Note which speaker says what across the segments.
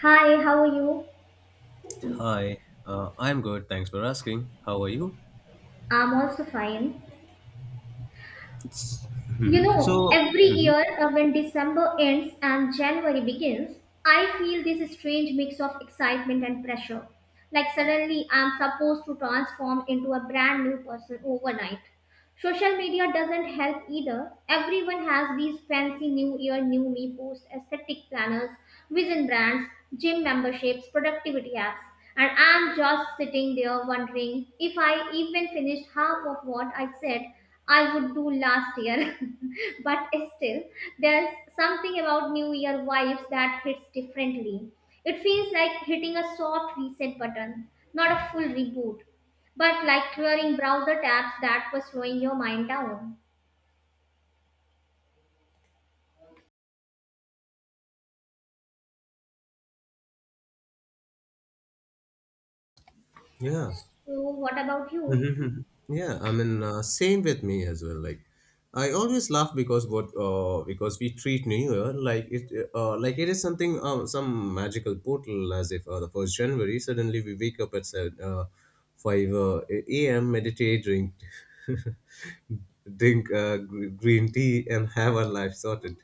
Speaker 1: Hi, how are you?
Speaker 2: Hi, I'm good. Thanks for asking. How are you?
Speaker 1: I'm also fine. You know,
Speaker 2: So,
Speaker 1: every year when December ends and January begins, I feel this strange mix of excitement and pressure. Like suddenly I'm supposed to transform into a brand new person overnight. Social media doesn't help either. Everyone has these fancy new year, new me posts, aesthetic planners, vision brands, gym memberships, productivity apps. And I'm just sitting there wondering if I even finished half of what I said I would do last year. But still, there's something about New Year vibes that hits differently. It feels like hitting a soft reset button, not a full reboot. But like clearing browser tabs that were slowing your mind down.
Speaker 2: yeah.
Speaker 1: So what about you?
Speaker 2: Mhm. Yeah. I mean, same with me as well. Like, I always laugh because what because we treat New Year like it is some magical portal, as if the first January suddenly we wake up at seven, five a.m., meditate, drink green tea, and have our life sorted.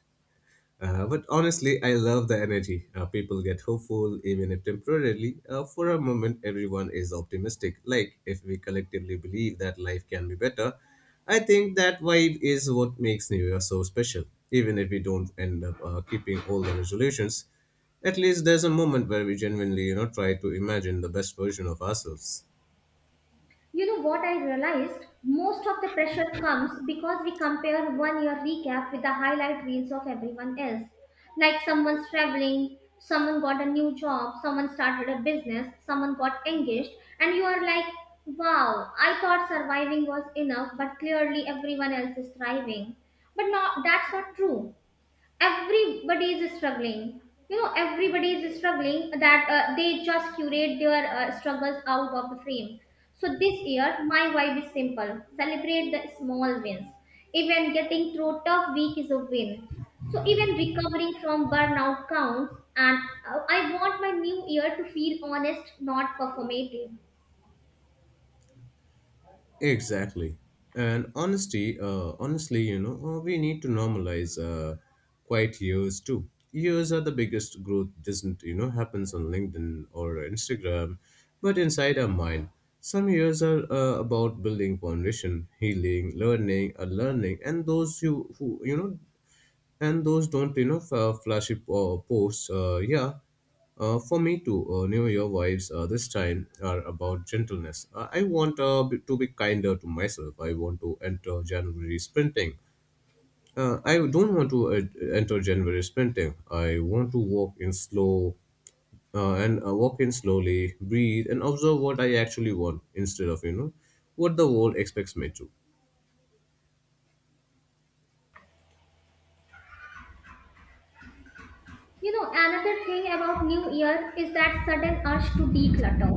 Speaker 2: But honestly, I love the energy. People get hopeful, even if temporarily. For a moment, everyone is optimistic. Like, if we collectively believe that life can be better, I think that vibe is what makes New Year so special. Even if we don't end up keeping all the resolutions, at least there's a moment where we genuinely, try to imagine the best version of ourselves.
Speaker 1: You know what I realized? Most of the pressure comes because we compare one year recap with the highlight reels of everyone else. Like someone's traveling, someone got a new job, someone started a business, someone got engaged, and you are like, wow, I thought surviving was enough, but clearly everyone else is thriving. But no, that's not true. Everybody is struggling, you know, everybody is struggling that they just curate their struggles out of the frame. So this year my vibe is simple: celebrate the small wins. Even getting through tough week is a win, so even recovering from burnout counts. And I want my new year to feel honest, not performative.
Speaker 2: Exactly. And honestly, we need to normalize quiet years too. Years are the biggest growth doesn't, you know, happens on LinkedIn or Instagram, but inside our mind. Some years are about building foundation, healing, learning, or learning, and those you who you know and those don't you know flashy posts, yeah. Uh, for me too, new year vibes this time are about gentleness. I want to be kinder to myself. I want to enter January sprinting. I don't want to enter January sprinting. I want to walk in slow, and walk in slowly, breathe and observe what I actually want, instead of you know what the world expects me to.
Speaker 1: You know, another thing about New Year is that sudden urge to declutter.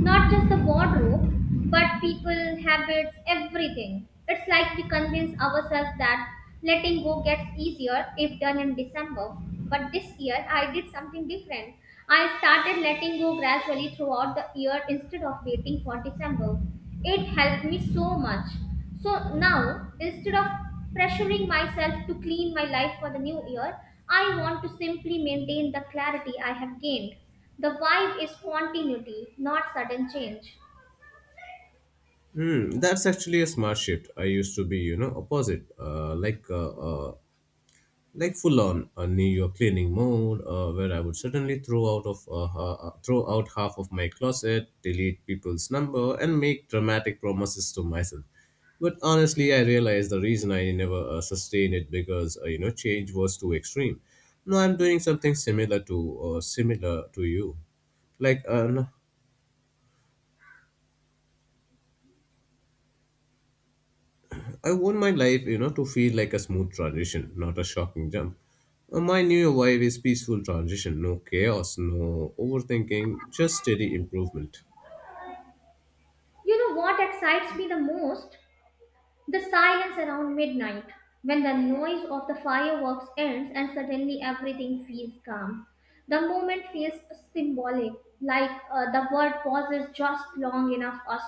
Speaker 1: Not just the wardrobe, but people, habits, everything. It's like we convince ourselves that letting go gets easier if done in December. But this year, I did something different. I started letting go gradually throughout the year instead of waiting for December. It helped me so much. So now, instead of pressuring myself to clean my life for the new year, I want to simply maintain the clarity I have gained. The vibe is continuity, not sudden change.
Speaker 2: Hmm, that's actually a smart shift. I used to be, you know, opposite, like full on a New York cleaning mode, where I would certainly throw out half of my closet, delete people's number, and make dramatic promises to myself. But honestly, I realized the reason I never sustained it because you know change was too extreme. Now I'm doing something similar to you, like uh, I want my life, you know, to feel like a smooth transition, not a shocking jump. My new vibe is peaceful transition, no chaos, no overthinking, just steady improvement.
Speaker 1: You know what excites me the most? The silence around midnight, when the noise of the fireworks ends and suddenly everything feels calm. The moment feels symbolic, like the world pauses just long enough us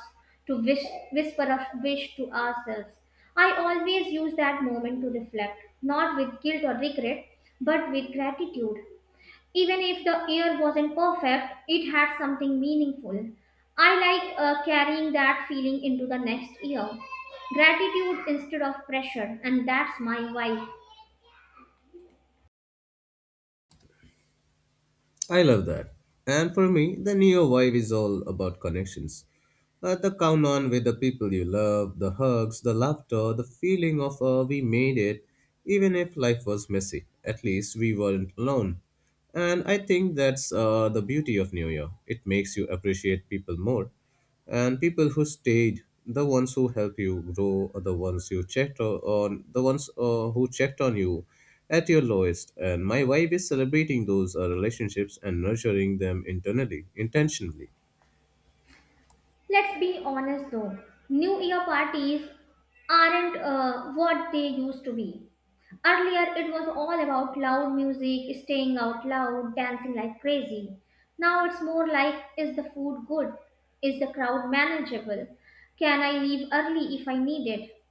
Speaker 1: to wish, whisper a wish to ourselves. I always use that moment to reflect, not with guilt or regret, but with gratitude. Even if the year wasn't perfect, it had something meaningful. I like carrying that feeling into the next year. Gratitude instead of pressure, and that's my vibe.
Speaker 2: I love that. And for me, the neo vibe is all about connections. The count on with the people you love, the hugs, the laughter, the feeling of we made it, even if life was messy, at least we weren't alone. And I think that's the beauty of New Year. It makes you appreciate people more. And people who stayed, the ones who helped you grow, or the ones you on, the ones who checked on you at your lowest. And my vibe is celebrating those relationships and nurturing them internally, intentionally.
Speaker 1: Let's be honest though, New Year parties aren't what they used to be. Earlier, it was all about loud music, staying out loud, dancing like crazy. Now it's more like, is the food good? Is the crowd manageable? Can I leave early if I need it?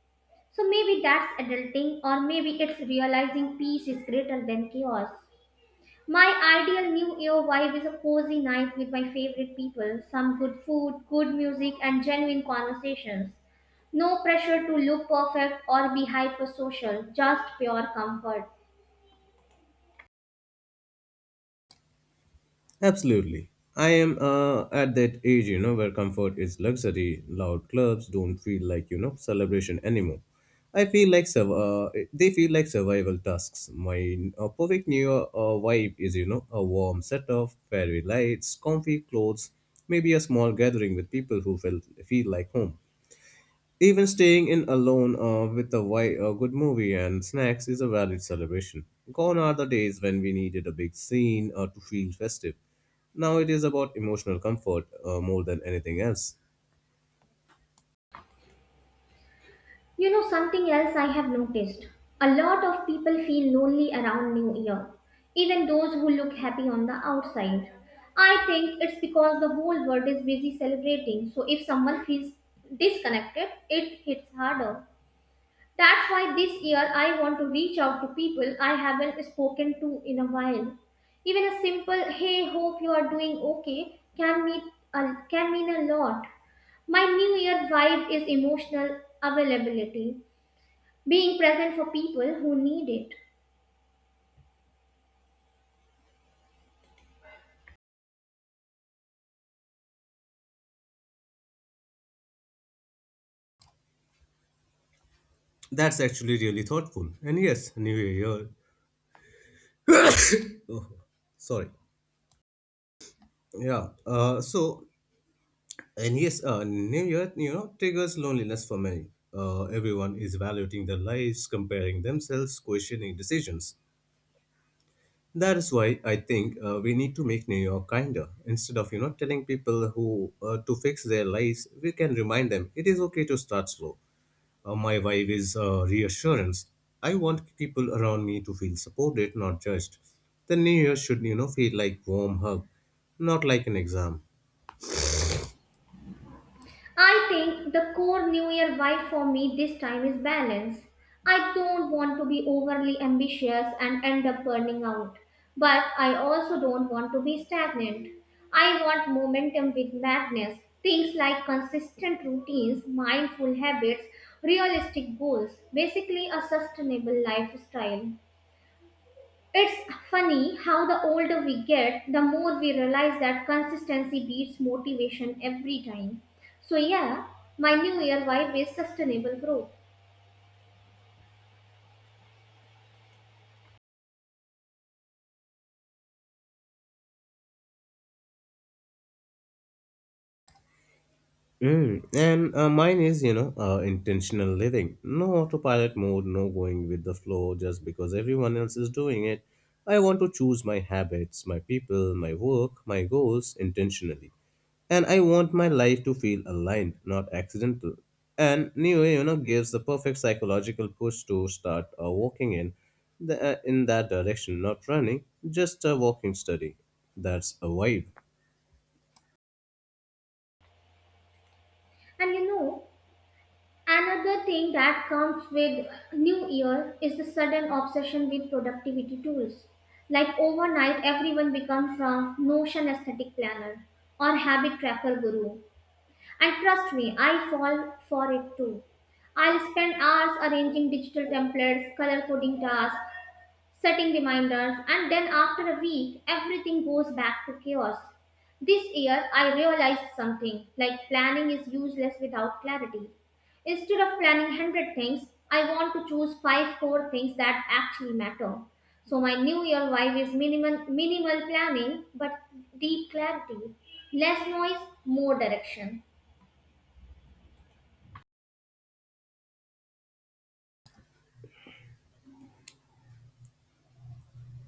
Speaker 1: So maybe that's adulting, or maybe it's realizing peace is greater than chaos. My ideal new year vibe is a cozy night with my favorite people, some good food, good music, and genuine conversations. No pressure to look perfect or be hyper social, just pure comfort.
Speaker 2: Absolutely. I am at that age, you know, where comfort is luxury. Loud clubs don't feel like, you know, celebration anymore. I feel like they feel like survival tasks. My perfect New Year vibe is, you know, a warm setup, fairy lights, comfy clothes, maybe a small gathering with people who feel like home. Even staying in alone with a good movie and snacks is a valid celebration. Gone are the days when we needed a big scene to feel festive. Now it is about emotional comfort more than anything else.
Speaker 1: You know something else I have noticed? A lot of people feel lonely around New Year, even those who look happy on the outside. I think it's because the whole world is busy celebrating, so if someone feels disconnected, it hits harder. That's why this year I want to reach out to people I haven't spoken to in a while. Even a simple hey, hope you are doing okay can mean can mean a lot. My new year vibe is emotional availability, being present for people who need it.
Speaker 2: That's actually really thoughtful. And yes, New Year. Oh, sorry. Yeah. And yes, New Year, you know, triggers loneliness for many. Everyone is evaluating their lives, comparing themselves, questioning decisions. That is why I think we need to make New York kinder. Instead of you know telling people who to fix their lives, we can remind them it is okay to start slow. My vibe is reassurance. I want people around me to feel supported, not judged. The New Year should you know feel like warm hug, not like an exam.
Speaker 1: I think the core New Year vibe for me this time is balance. I don't want to be overly ambitious and end up burning out, but I also don't want to be stagnant. I want momentum with madness, things like consistent routines, mindful habits, realistic goals, basically, a sustainable lifestyle. It's funny how the older we get, the more we realize that consistency beats motivation every time. So, yeah, my new year vibe is sustainable growth.
Speaker 2: Mm. And mine is, you know, intentional living. No autopilot mode, no going with the flow just because everyone else is doing it. I want to choose my habits, my people, my work, my goals intentionally. And I want my life to feel aligned, not accidental. And New Way, you know, gives the perfect psychological push to start walking in, in that direction, not running, just walking steady. That's a vibe.
Speaker 1: And you know, another thing that comes with new year is the sudden obsession with productivity tools. Like overnight, everyone becomes a Notion aesthetic planner or habit tracker guru. And trust me, I fall for it too. I'll spend hours arranging digital templates, color coding tasks, setting reminders, and then after a week, everything goes back to chaos. This year, I realized something like planning is useless without clarity. Instead of planning 100 things, I want to choose 5 core things that actually matter. So, my new year vibe is minimal planning but deep clarity, less noise, more direction.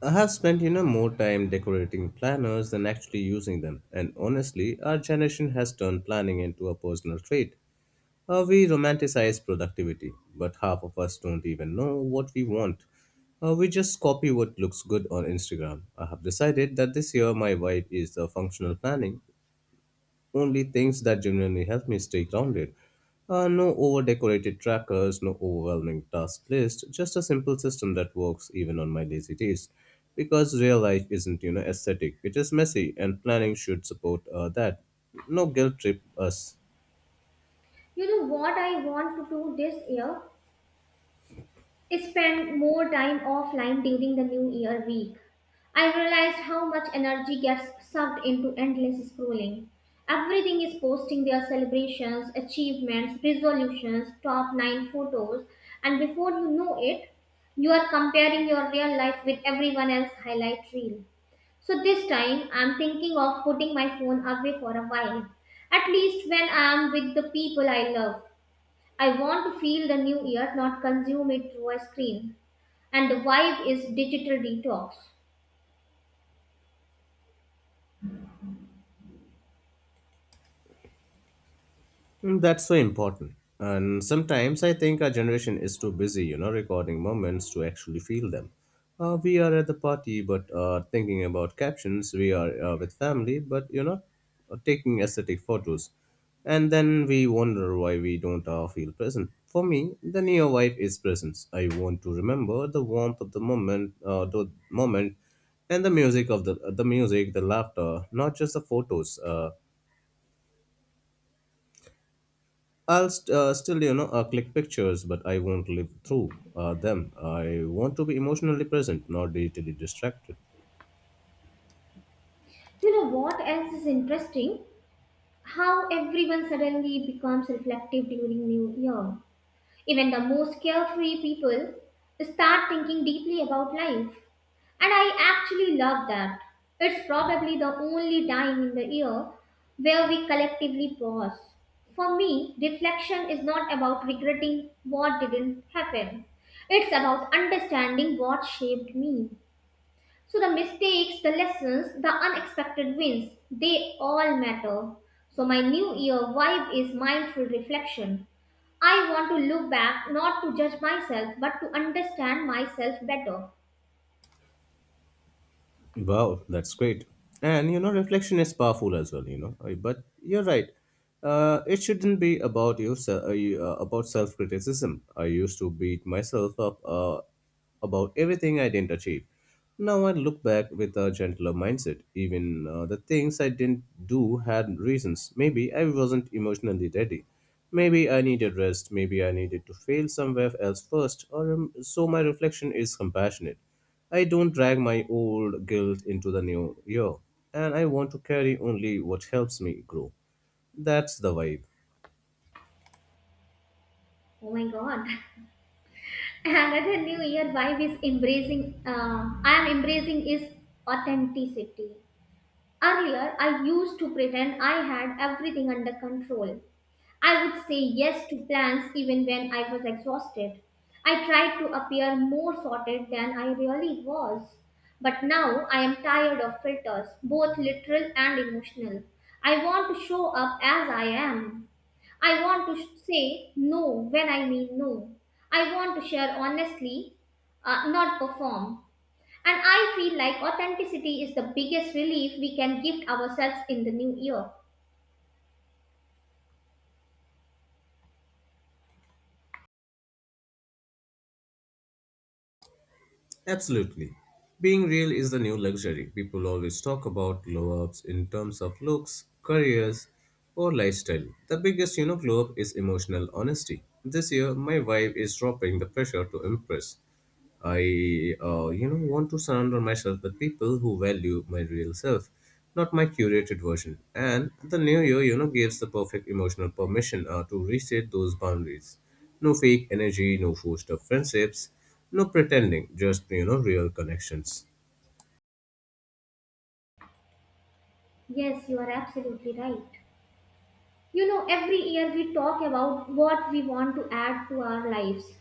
Speaker 2: I have spent you know more time decorating planners than actually using them, and honestly, our generation has turned planning into a personal trait. We romanticize productivity, but half of us don't even know what we want. We just copy what looks good on Instagram. I have decided that this year my vibe is the functional planning, only things that genuinely help me stay grounded. No over decorated trackers, no overwhelming task list, just a simple system that works even on my lazy days. Because real life isn't, you know, aesthetic, it is messy, and planning should support that. No guilt trip us.
Speaker 1: You know what I want to do this year? Is spend more time offline during the New Year week. I realized how much energy gets sucked into endless scrolling. Everything is posting their celebrations, achievements, resolutions, top 9 photos, and before you know it, you are comparing your real life with everyone else's highlight reel. So this time, I'm thinking of putting my phone away for a while, at least when I'm with the people I love. I want to feel the new year, not consume it through a screen. And the vibe is digital detox.
Speaker 2: Mm, that's so important. And sometimes I think our generation is too busy, you know, recording moments to actually feel them. We are at the party, but thinking about captions. We are with family, but you know, taking aesthetic photos. And then we wonder why we don't feel present. For me, the near wife is presence. I want to remember the warmth of the moment, and the music of the music, the laughter, not just the photos. I'll still, you know, click pictures, but I won't live through them. I want to be emotionally present, not digitally distracted.
Speaker 1: You know what else is interesting? How everyone suddenly becomes reflective during New Year. Even the most carefree people start thinking deeply about life. And I actually love that. It's probably the only time in the year where we collectively pause. For me, reflection is not about regretting what didn't happen, it's about understanding what shaped me. So, the mistakes, the lessons, the unexpected wins, they all matter. So, my new year vibe is mindful reflection. I want to look back not to judge myself but to understand myself better.
Speaker 2: Wow, that's great. And you know, reflection is powerful as well. You know, but you're right. It shouldn't be about about self-criticism. I used to beat myself up about everything I didn't achieve. Now I look back with a gentler mindset. Even the things I didn't do had reasons. Maybe I wasn't emotionally ready. Maybe I needed rest. Maybe I needed to fail somewhere else first. Or so my reflection is compassionate. I don't drag my old guilt into the new year, and I want to carry only what helps me grow. That's the vibe.
Speaker 1: Oh my god. Another New Year vibe is embracing is authenticity. Earlier, I used to pretend I had everything under control. I would say yes to plans even when I was exhausted. I tried to appear more sorted than I really was. But now I am tired of filters, both literal and emotional. I want to show up as I am. I want to say no when I mean no. I want to share honestly, not perform. And I feel like authenticity is the biggest relief we can gift ourselves in the new year.
Speaker 2: Absolutely. Being real is the new luxury. People always talk about glow ups in terms of looks, careers, or lifestyle. The biggest, you know, glow up is emotional honesty. This year, my vibe is dropping the pressure to impress. I you know, want to surround myself with people who value my real self, not my curated version. And the new year, you know, gives the perfect emotional permission to reset those boundaries. No fake energy, no forced up friendships, no pretending, just, you know, real connections.
Speaker 1: Yes, you are absolutely right. You know, every year we talk about what we want to add to our lives,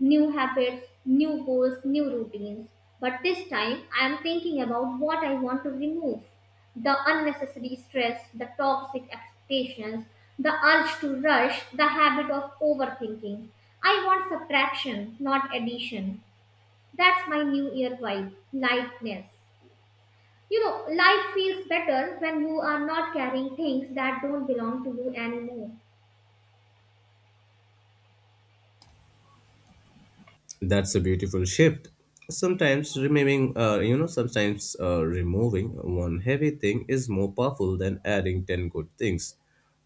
Speaker 1: new habits, new goals, new routines. But this time, I am thinking about what I want to remove, the unnecessary stress, the toxic expectations, the urge to rush, the habit of overthinking. I want subtraction, not addition. That's my new year vibe, lightness. You know, life feels better when you are not carrying things that don't belong to you anymore.
Speaker 2: That's a beautiful shift. Sometimes removing one heavy thing is more powerful than adding 10 good things.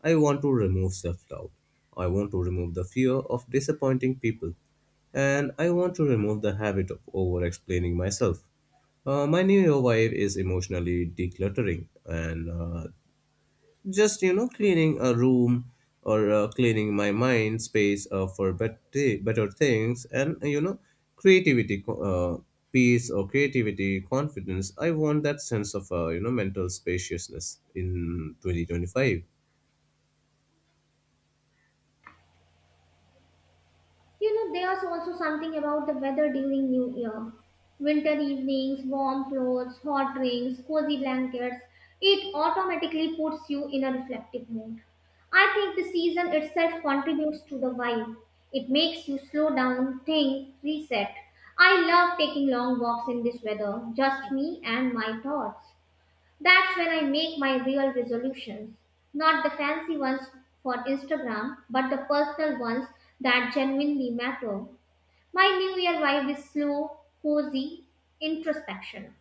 Speaker 2: I want to remove self doubt. I want to remove the fear of disappointing people. And I want to remove the habit of over explaining myself. My new year vibe is emotionally decluttering, and just you know cleaning a room or cleaning my mind space for better things, and you know creativity uh, peace or creativity confidence. I want that sense of you know mental spaciousness in 2025.
Speaker 1: You know, there's also something about the weather during New Year. Winter evenings, warm clothes, hot drinks, cozy blankets, it automatically puts you in a reflective mood. I think the season itself contributes to the vibe. It makes you slow down, think, reset. I love taking long walks in this weather, just me and my thoughts. That's when I make my real resolutions. Not the fancy ones for Instagram, but the personal ones that genuinely matter. My New Year vibe is slow, cozy, introspection.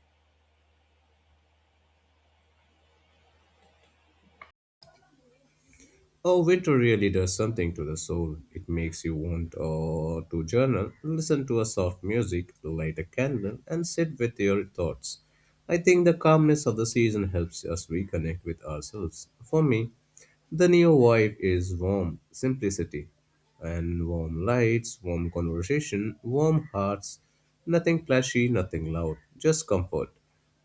Speaker 2: Oh, winter really does something to the soul. It makes you want to journal, listen to a soft music, light a candle, and sit with your thoughts. I think the calmness of the season helps us reconnect with ourselves. For me, the new vibe is warm simplicity and warm lights, warm conversation, warm hearts, nothing flashy, nothing loud, just comfort.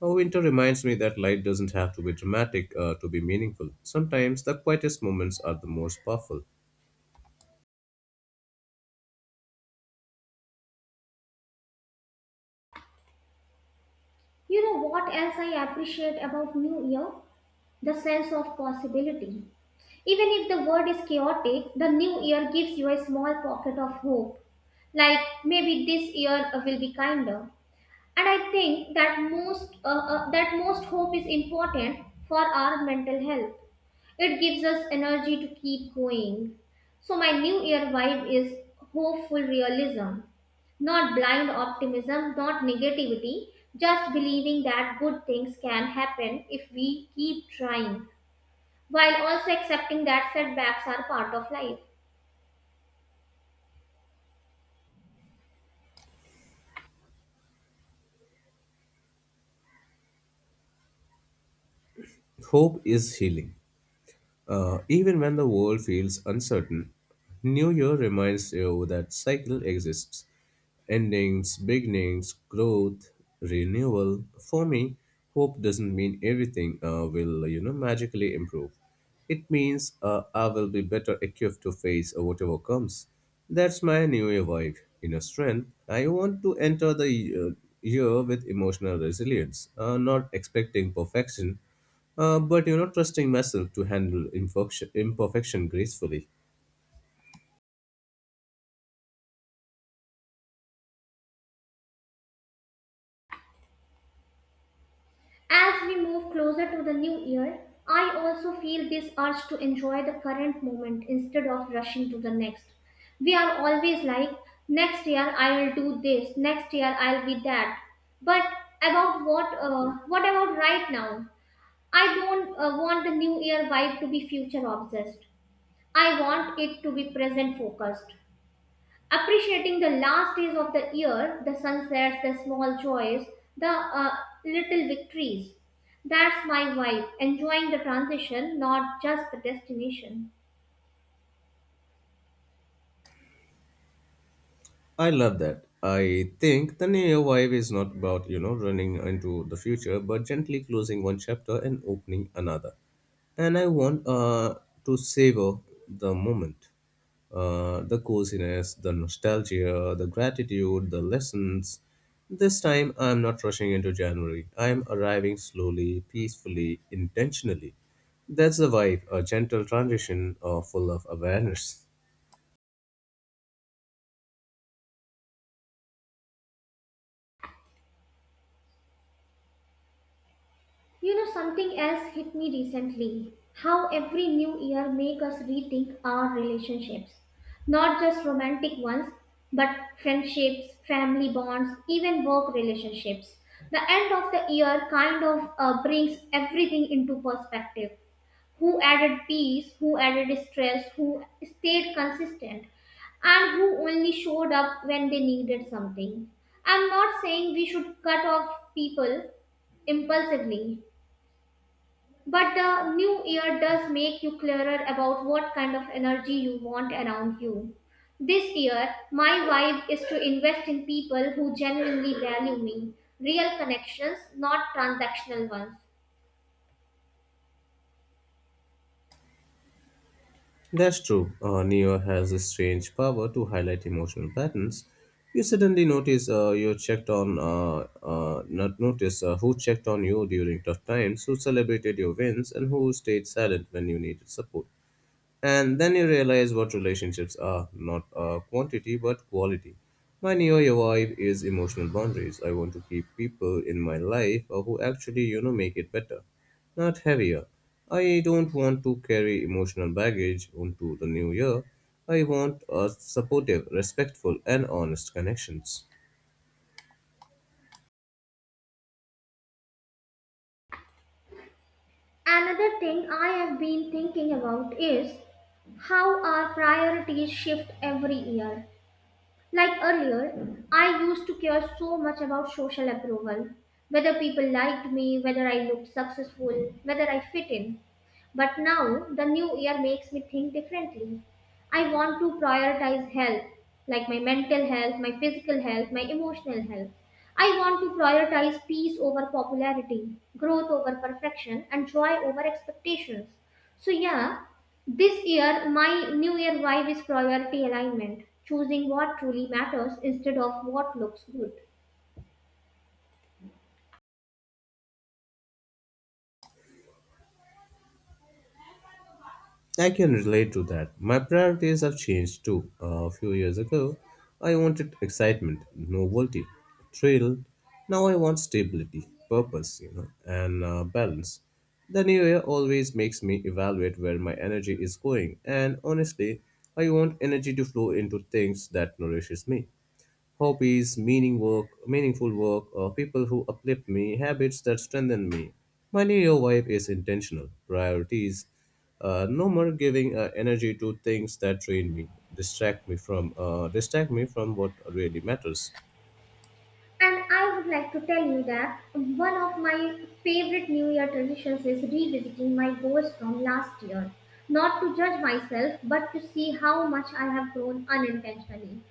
Speaker 2: Oh, winter reminds me that light doesn't have to be dramatic to be meaningful. Sometimes the quietest moments are the most powerful.
Speaker 1: You know what else I appreciate about New Year? The sense of possibility. Even if the world is chaotic, the new year gives you a small pocket of hope. Like maybe this year will be kinder. And I think that most hope is important for our mental health. It gives us energy to keep going. So my new year vibe is hopeful realism, not blind optimism, not negativity, just believing that good things can happen if we keep trying, while also accepting that setbacks are part of life.
Speaker 2: Hope is healing. Even when the world feels uncertain, New Year reminds you that cycle exists. Endings, beginnings, growth, renewal. For me, hope doesn't mean everything will, you know, magically improve. It means I will be better equipped to face whatever comes. That's my New Year vibe. In a strength, I want to enter year with emotional resilience, not expecting perfection, but you know trusting myself to handle imperfection gracefully.
Speaker 1: As we move closer to the new year, I also feel this urge to enjoy the current moment instead of rushing to the next. We are always like, next year I'll do this, next year I'll be that. But about what? What about right now? I don't want the new year vibe to be future obsessed. I want it to be present focused. Appreciating the last days of the year, the sunsets, the small joys, the little victories. That's my vibe. Enjoying the transition, not just the destination.
Speaker 2: I love that. I think the Neo Vibe is not about, you know, running into the future, but gently closing one chapter and opening another. And I want to savor the moment, the coziness, the nostalgia, the gratitude, the lessons. This time, I'm not rushing into January. I'm arriving slowly, peacefully, intentionally. That's the vibe, a gentle transition full of awareness.
Speaker 1: You know, something else hit me recently. How every new year makes us rethink our relationships. Not just romantic ones, but friendships, family bonds, even work relationships. The end of the year kind of brings everything into perspective. Who added peace, who added stress, who stayed consistent, and who only showed up when they needed something. I'm not saying we should cut off people impulsively, but the new year does make you clearer about what kind of energy you want around you. This year, my vibe is to invest in people who genuinely value me, real connections, not transactional ones.
Speaker 2: That's true. Neo has a strange power to highlight emotional patterns. You suddenly notice you checked on, not notice who checked on you during tough times, who celebrated your wins, and who stayed silent when you needed support. And then you realize what relationships are not quantity but quality. My New Year vibe is emotional boundaries. I want to keep people in my life who actually, you know, make it better, not heavier. I don't want to carry emotional baggage onto the new year. I want supportive, respectful, and honest connections.
Speaker 1: Another thing I have been thinking about is how our priorities shift every year. Like earlier, I used to care so much about social approval, whether people liked me, whether I looked successful, whether I fit in. But now the new year makes me think differently. I want to prioritize health, like my mental health, my physical health, my emotional health. I want to prioritize peace over popularity, growth over perfection, and joy over expectations. So, yeah, this year my new year vibe is priority alignment, choosing what truly matters instead of what looks good.
Speaker 2: I can relate to that. My priorities have changed too. A few years ago, I wanted excitement, novelty, thrill. Now I want stability, purpose, you know, and balance. The new year always makes me evaluate where my energy is going, and honestly, I want energy to flow into things that nourishes me, hobbies, meaningful work, or people who uplift me, habits that strengthen me. My Leo vibe is intentional, priorities, no more giving energy to things that drain me, distract me from what really matters.
Speaker 1: And I would like to tell you that one of my favorite New Year traditions is revisiting my goals from last year. Not to judge myself, but to see how much I have grown unintentionally.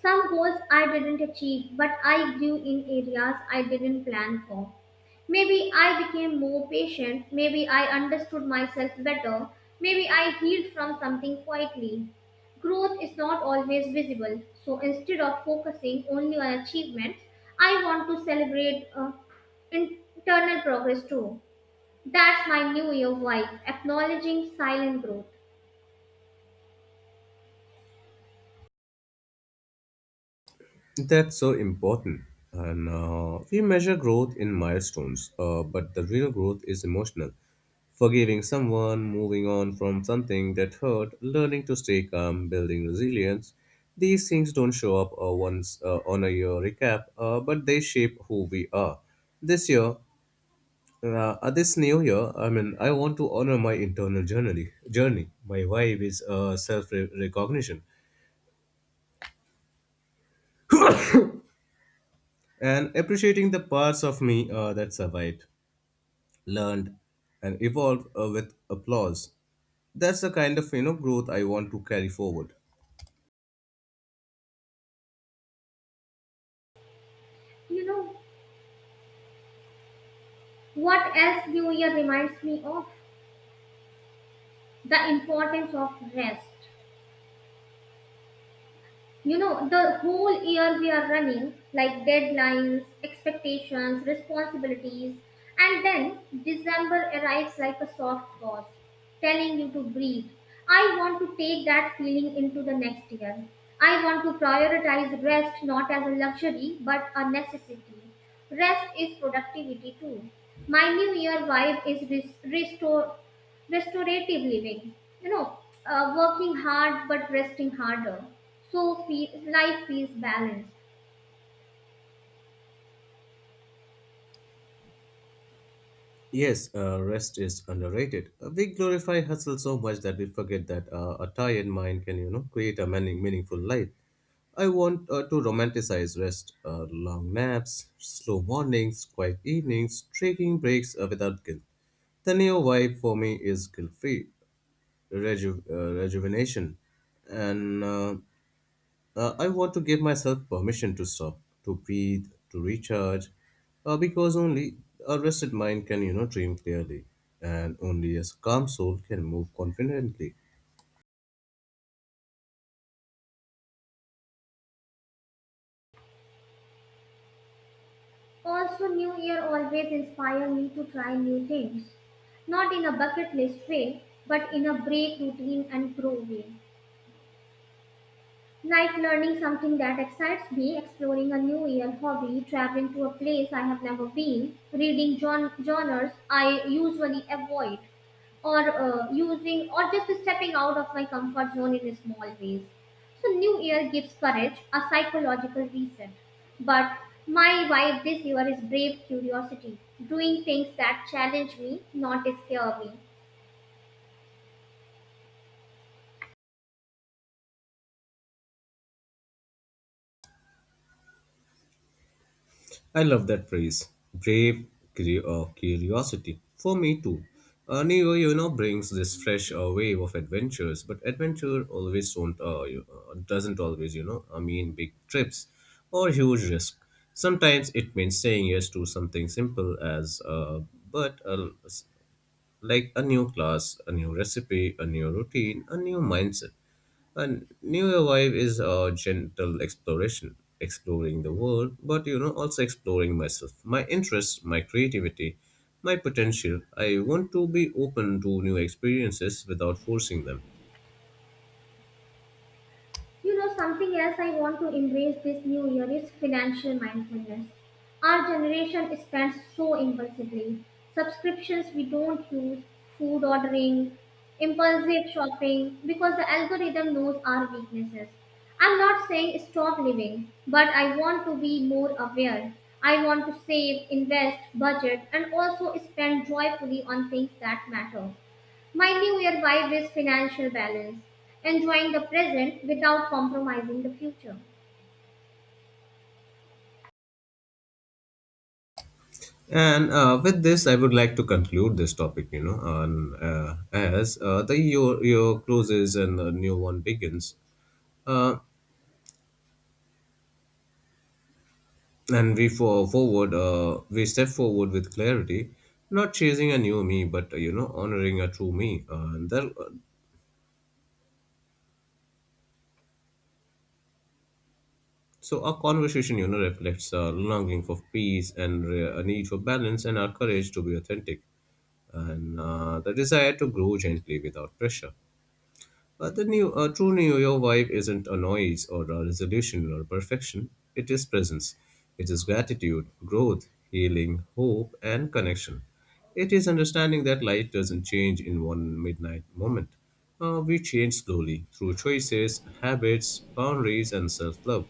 Speaker 1: Some goals I didn't achieve, but I grew in areas I didn't plan for. Maybe I became more patient, maybe I understood myself better, maybe I healed from something quietly. Growth is not always visible, so instead of focusing only on achievements, I want to celebrate internal progress too. That's my New Year vibe, acknowledging silent growth.
Speaker 2: That's so important. And we measure growth in milestones, but the real growth is emotional. Forgiving someone, moving on from something that hurt, learning to stay calm, building resilience. These things don't show up once on a year recap, but they shape who we are. This year, uh, this new year, I mean, I want to honor my internal journey. My vibe is self recognition. And appreciating the parts of me that survived, learned, and evolved with applause. That's the kind of, you know, growth I want to carry forward.
Speaker 1: You know, what else New Year reminds me of? The importance of rest. You know, the whole year we are running like deadlines, expectations, responsibilities, and then December arrives like a soft boss telling you to breathe. I want to take that feeling into the next year. I want to prioritize rest, not as a luxury but a necessity. Rest is productivity too. My new year vibe is restore, restorative living, you know, working hard but resting harder, so life feels balanced.
Speaker 2: Yes, rest is underrated. We glorify hustle so much that we forget that a tired mind can, you know, create a many meaningful life. I want to romanticize rest, long naps, slow mornings, quiet evenings, taking breaks without guilt. The new vibe for me is guilt free. Rejuvenation. And I want to give myself permission to stop, to breathe, to recharge, because only a rested mind can, you know, dream clearly, and only a calm soul can move confidently.
Speaker 1: Also new year always inspire me to try new things, not in a bucket list way but in a break routine and grow way. Like learning something that excites me, exploring a new year hobby, traveling to a place I have never been, reading genres I usually avoid, or using or just stepping out of my comfort zone in small ways. So New Year gives courage, a psychological reset. But my vibe this year is brave curiosity, doing things that challenge me, not scare me.
Speaker 2: I love that phrase, brave curiosity. For me too. Neo, you know, brings this fresh wave of adventures, but adventure always don't, you- doesn't always, you know, I mean, big trips or huge risk. Sometimes it means saying yes to something simple as, but uh, s- like a new class, a new recipe, a new routine, a new mindset. And new wave is a gentle exploration, exploring the world, but, you know, also exploring myself, my interests, my creativity, my potential. I want to be open to new experiences without forcing them.
Speaker 1: You know, something else I want to embrace this new year is financial mindfulness. Our generation spends so impulsively. Subscriptions we don't use, food ordering, impulsive shopping, because the algorithm knows our weaknesses. I'm not saying stop living, but I want to be more aware. I want to save, invest, budget, and also spend joyfully on things that matter. My New Year vibe is financial balance, enjoying the present without compromising the future.
Speaker 2: And with this, I would like to conclude this topic, you know, as the year closes and a new one begins. Uh, And we for forward, We step forward with clarity, not chasing a new me, but, you know, honoring a true me. So our conversation, you know, reflects our longing for peace and a need for balance, and our courage to be authentic, and the desire to grow gently without pressure. But a true New Year vibe isn't a noise or a resolution or perfection. It is presence. It is gratitude, growth, healing, hope, and connection. It is understanding that life doesn't change in one midnight moment. We change slowly through choices, habits, boundaries, and self love.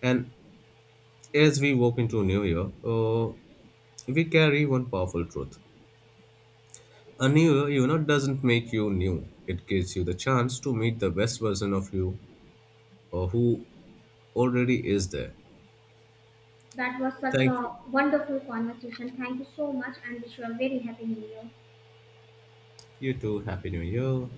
Speaker 2: And as we walk into New Year, we carry one powerful truth. A new year, you know, doesn't make you new. It gives you the chance to meet the best version of you or who already is there.
Speaker 1: That was such
Speaker 2: Thank you.
Speaker 1: a wonderful conversation. Thank you so much and wish you a very happy new year.
Speaker 2: You too. Happy New Year.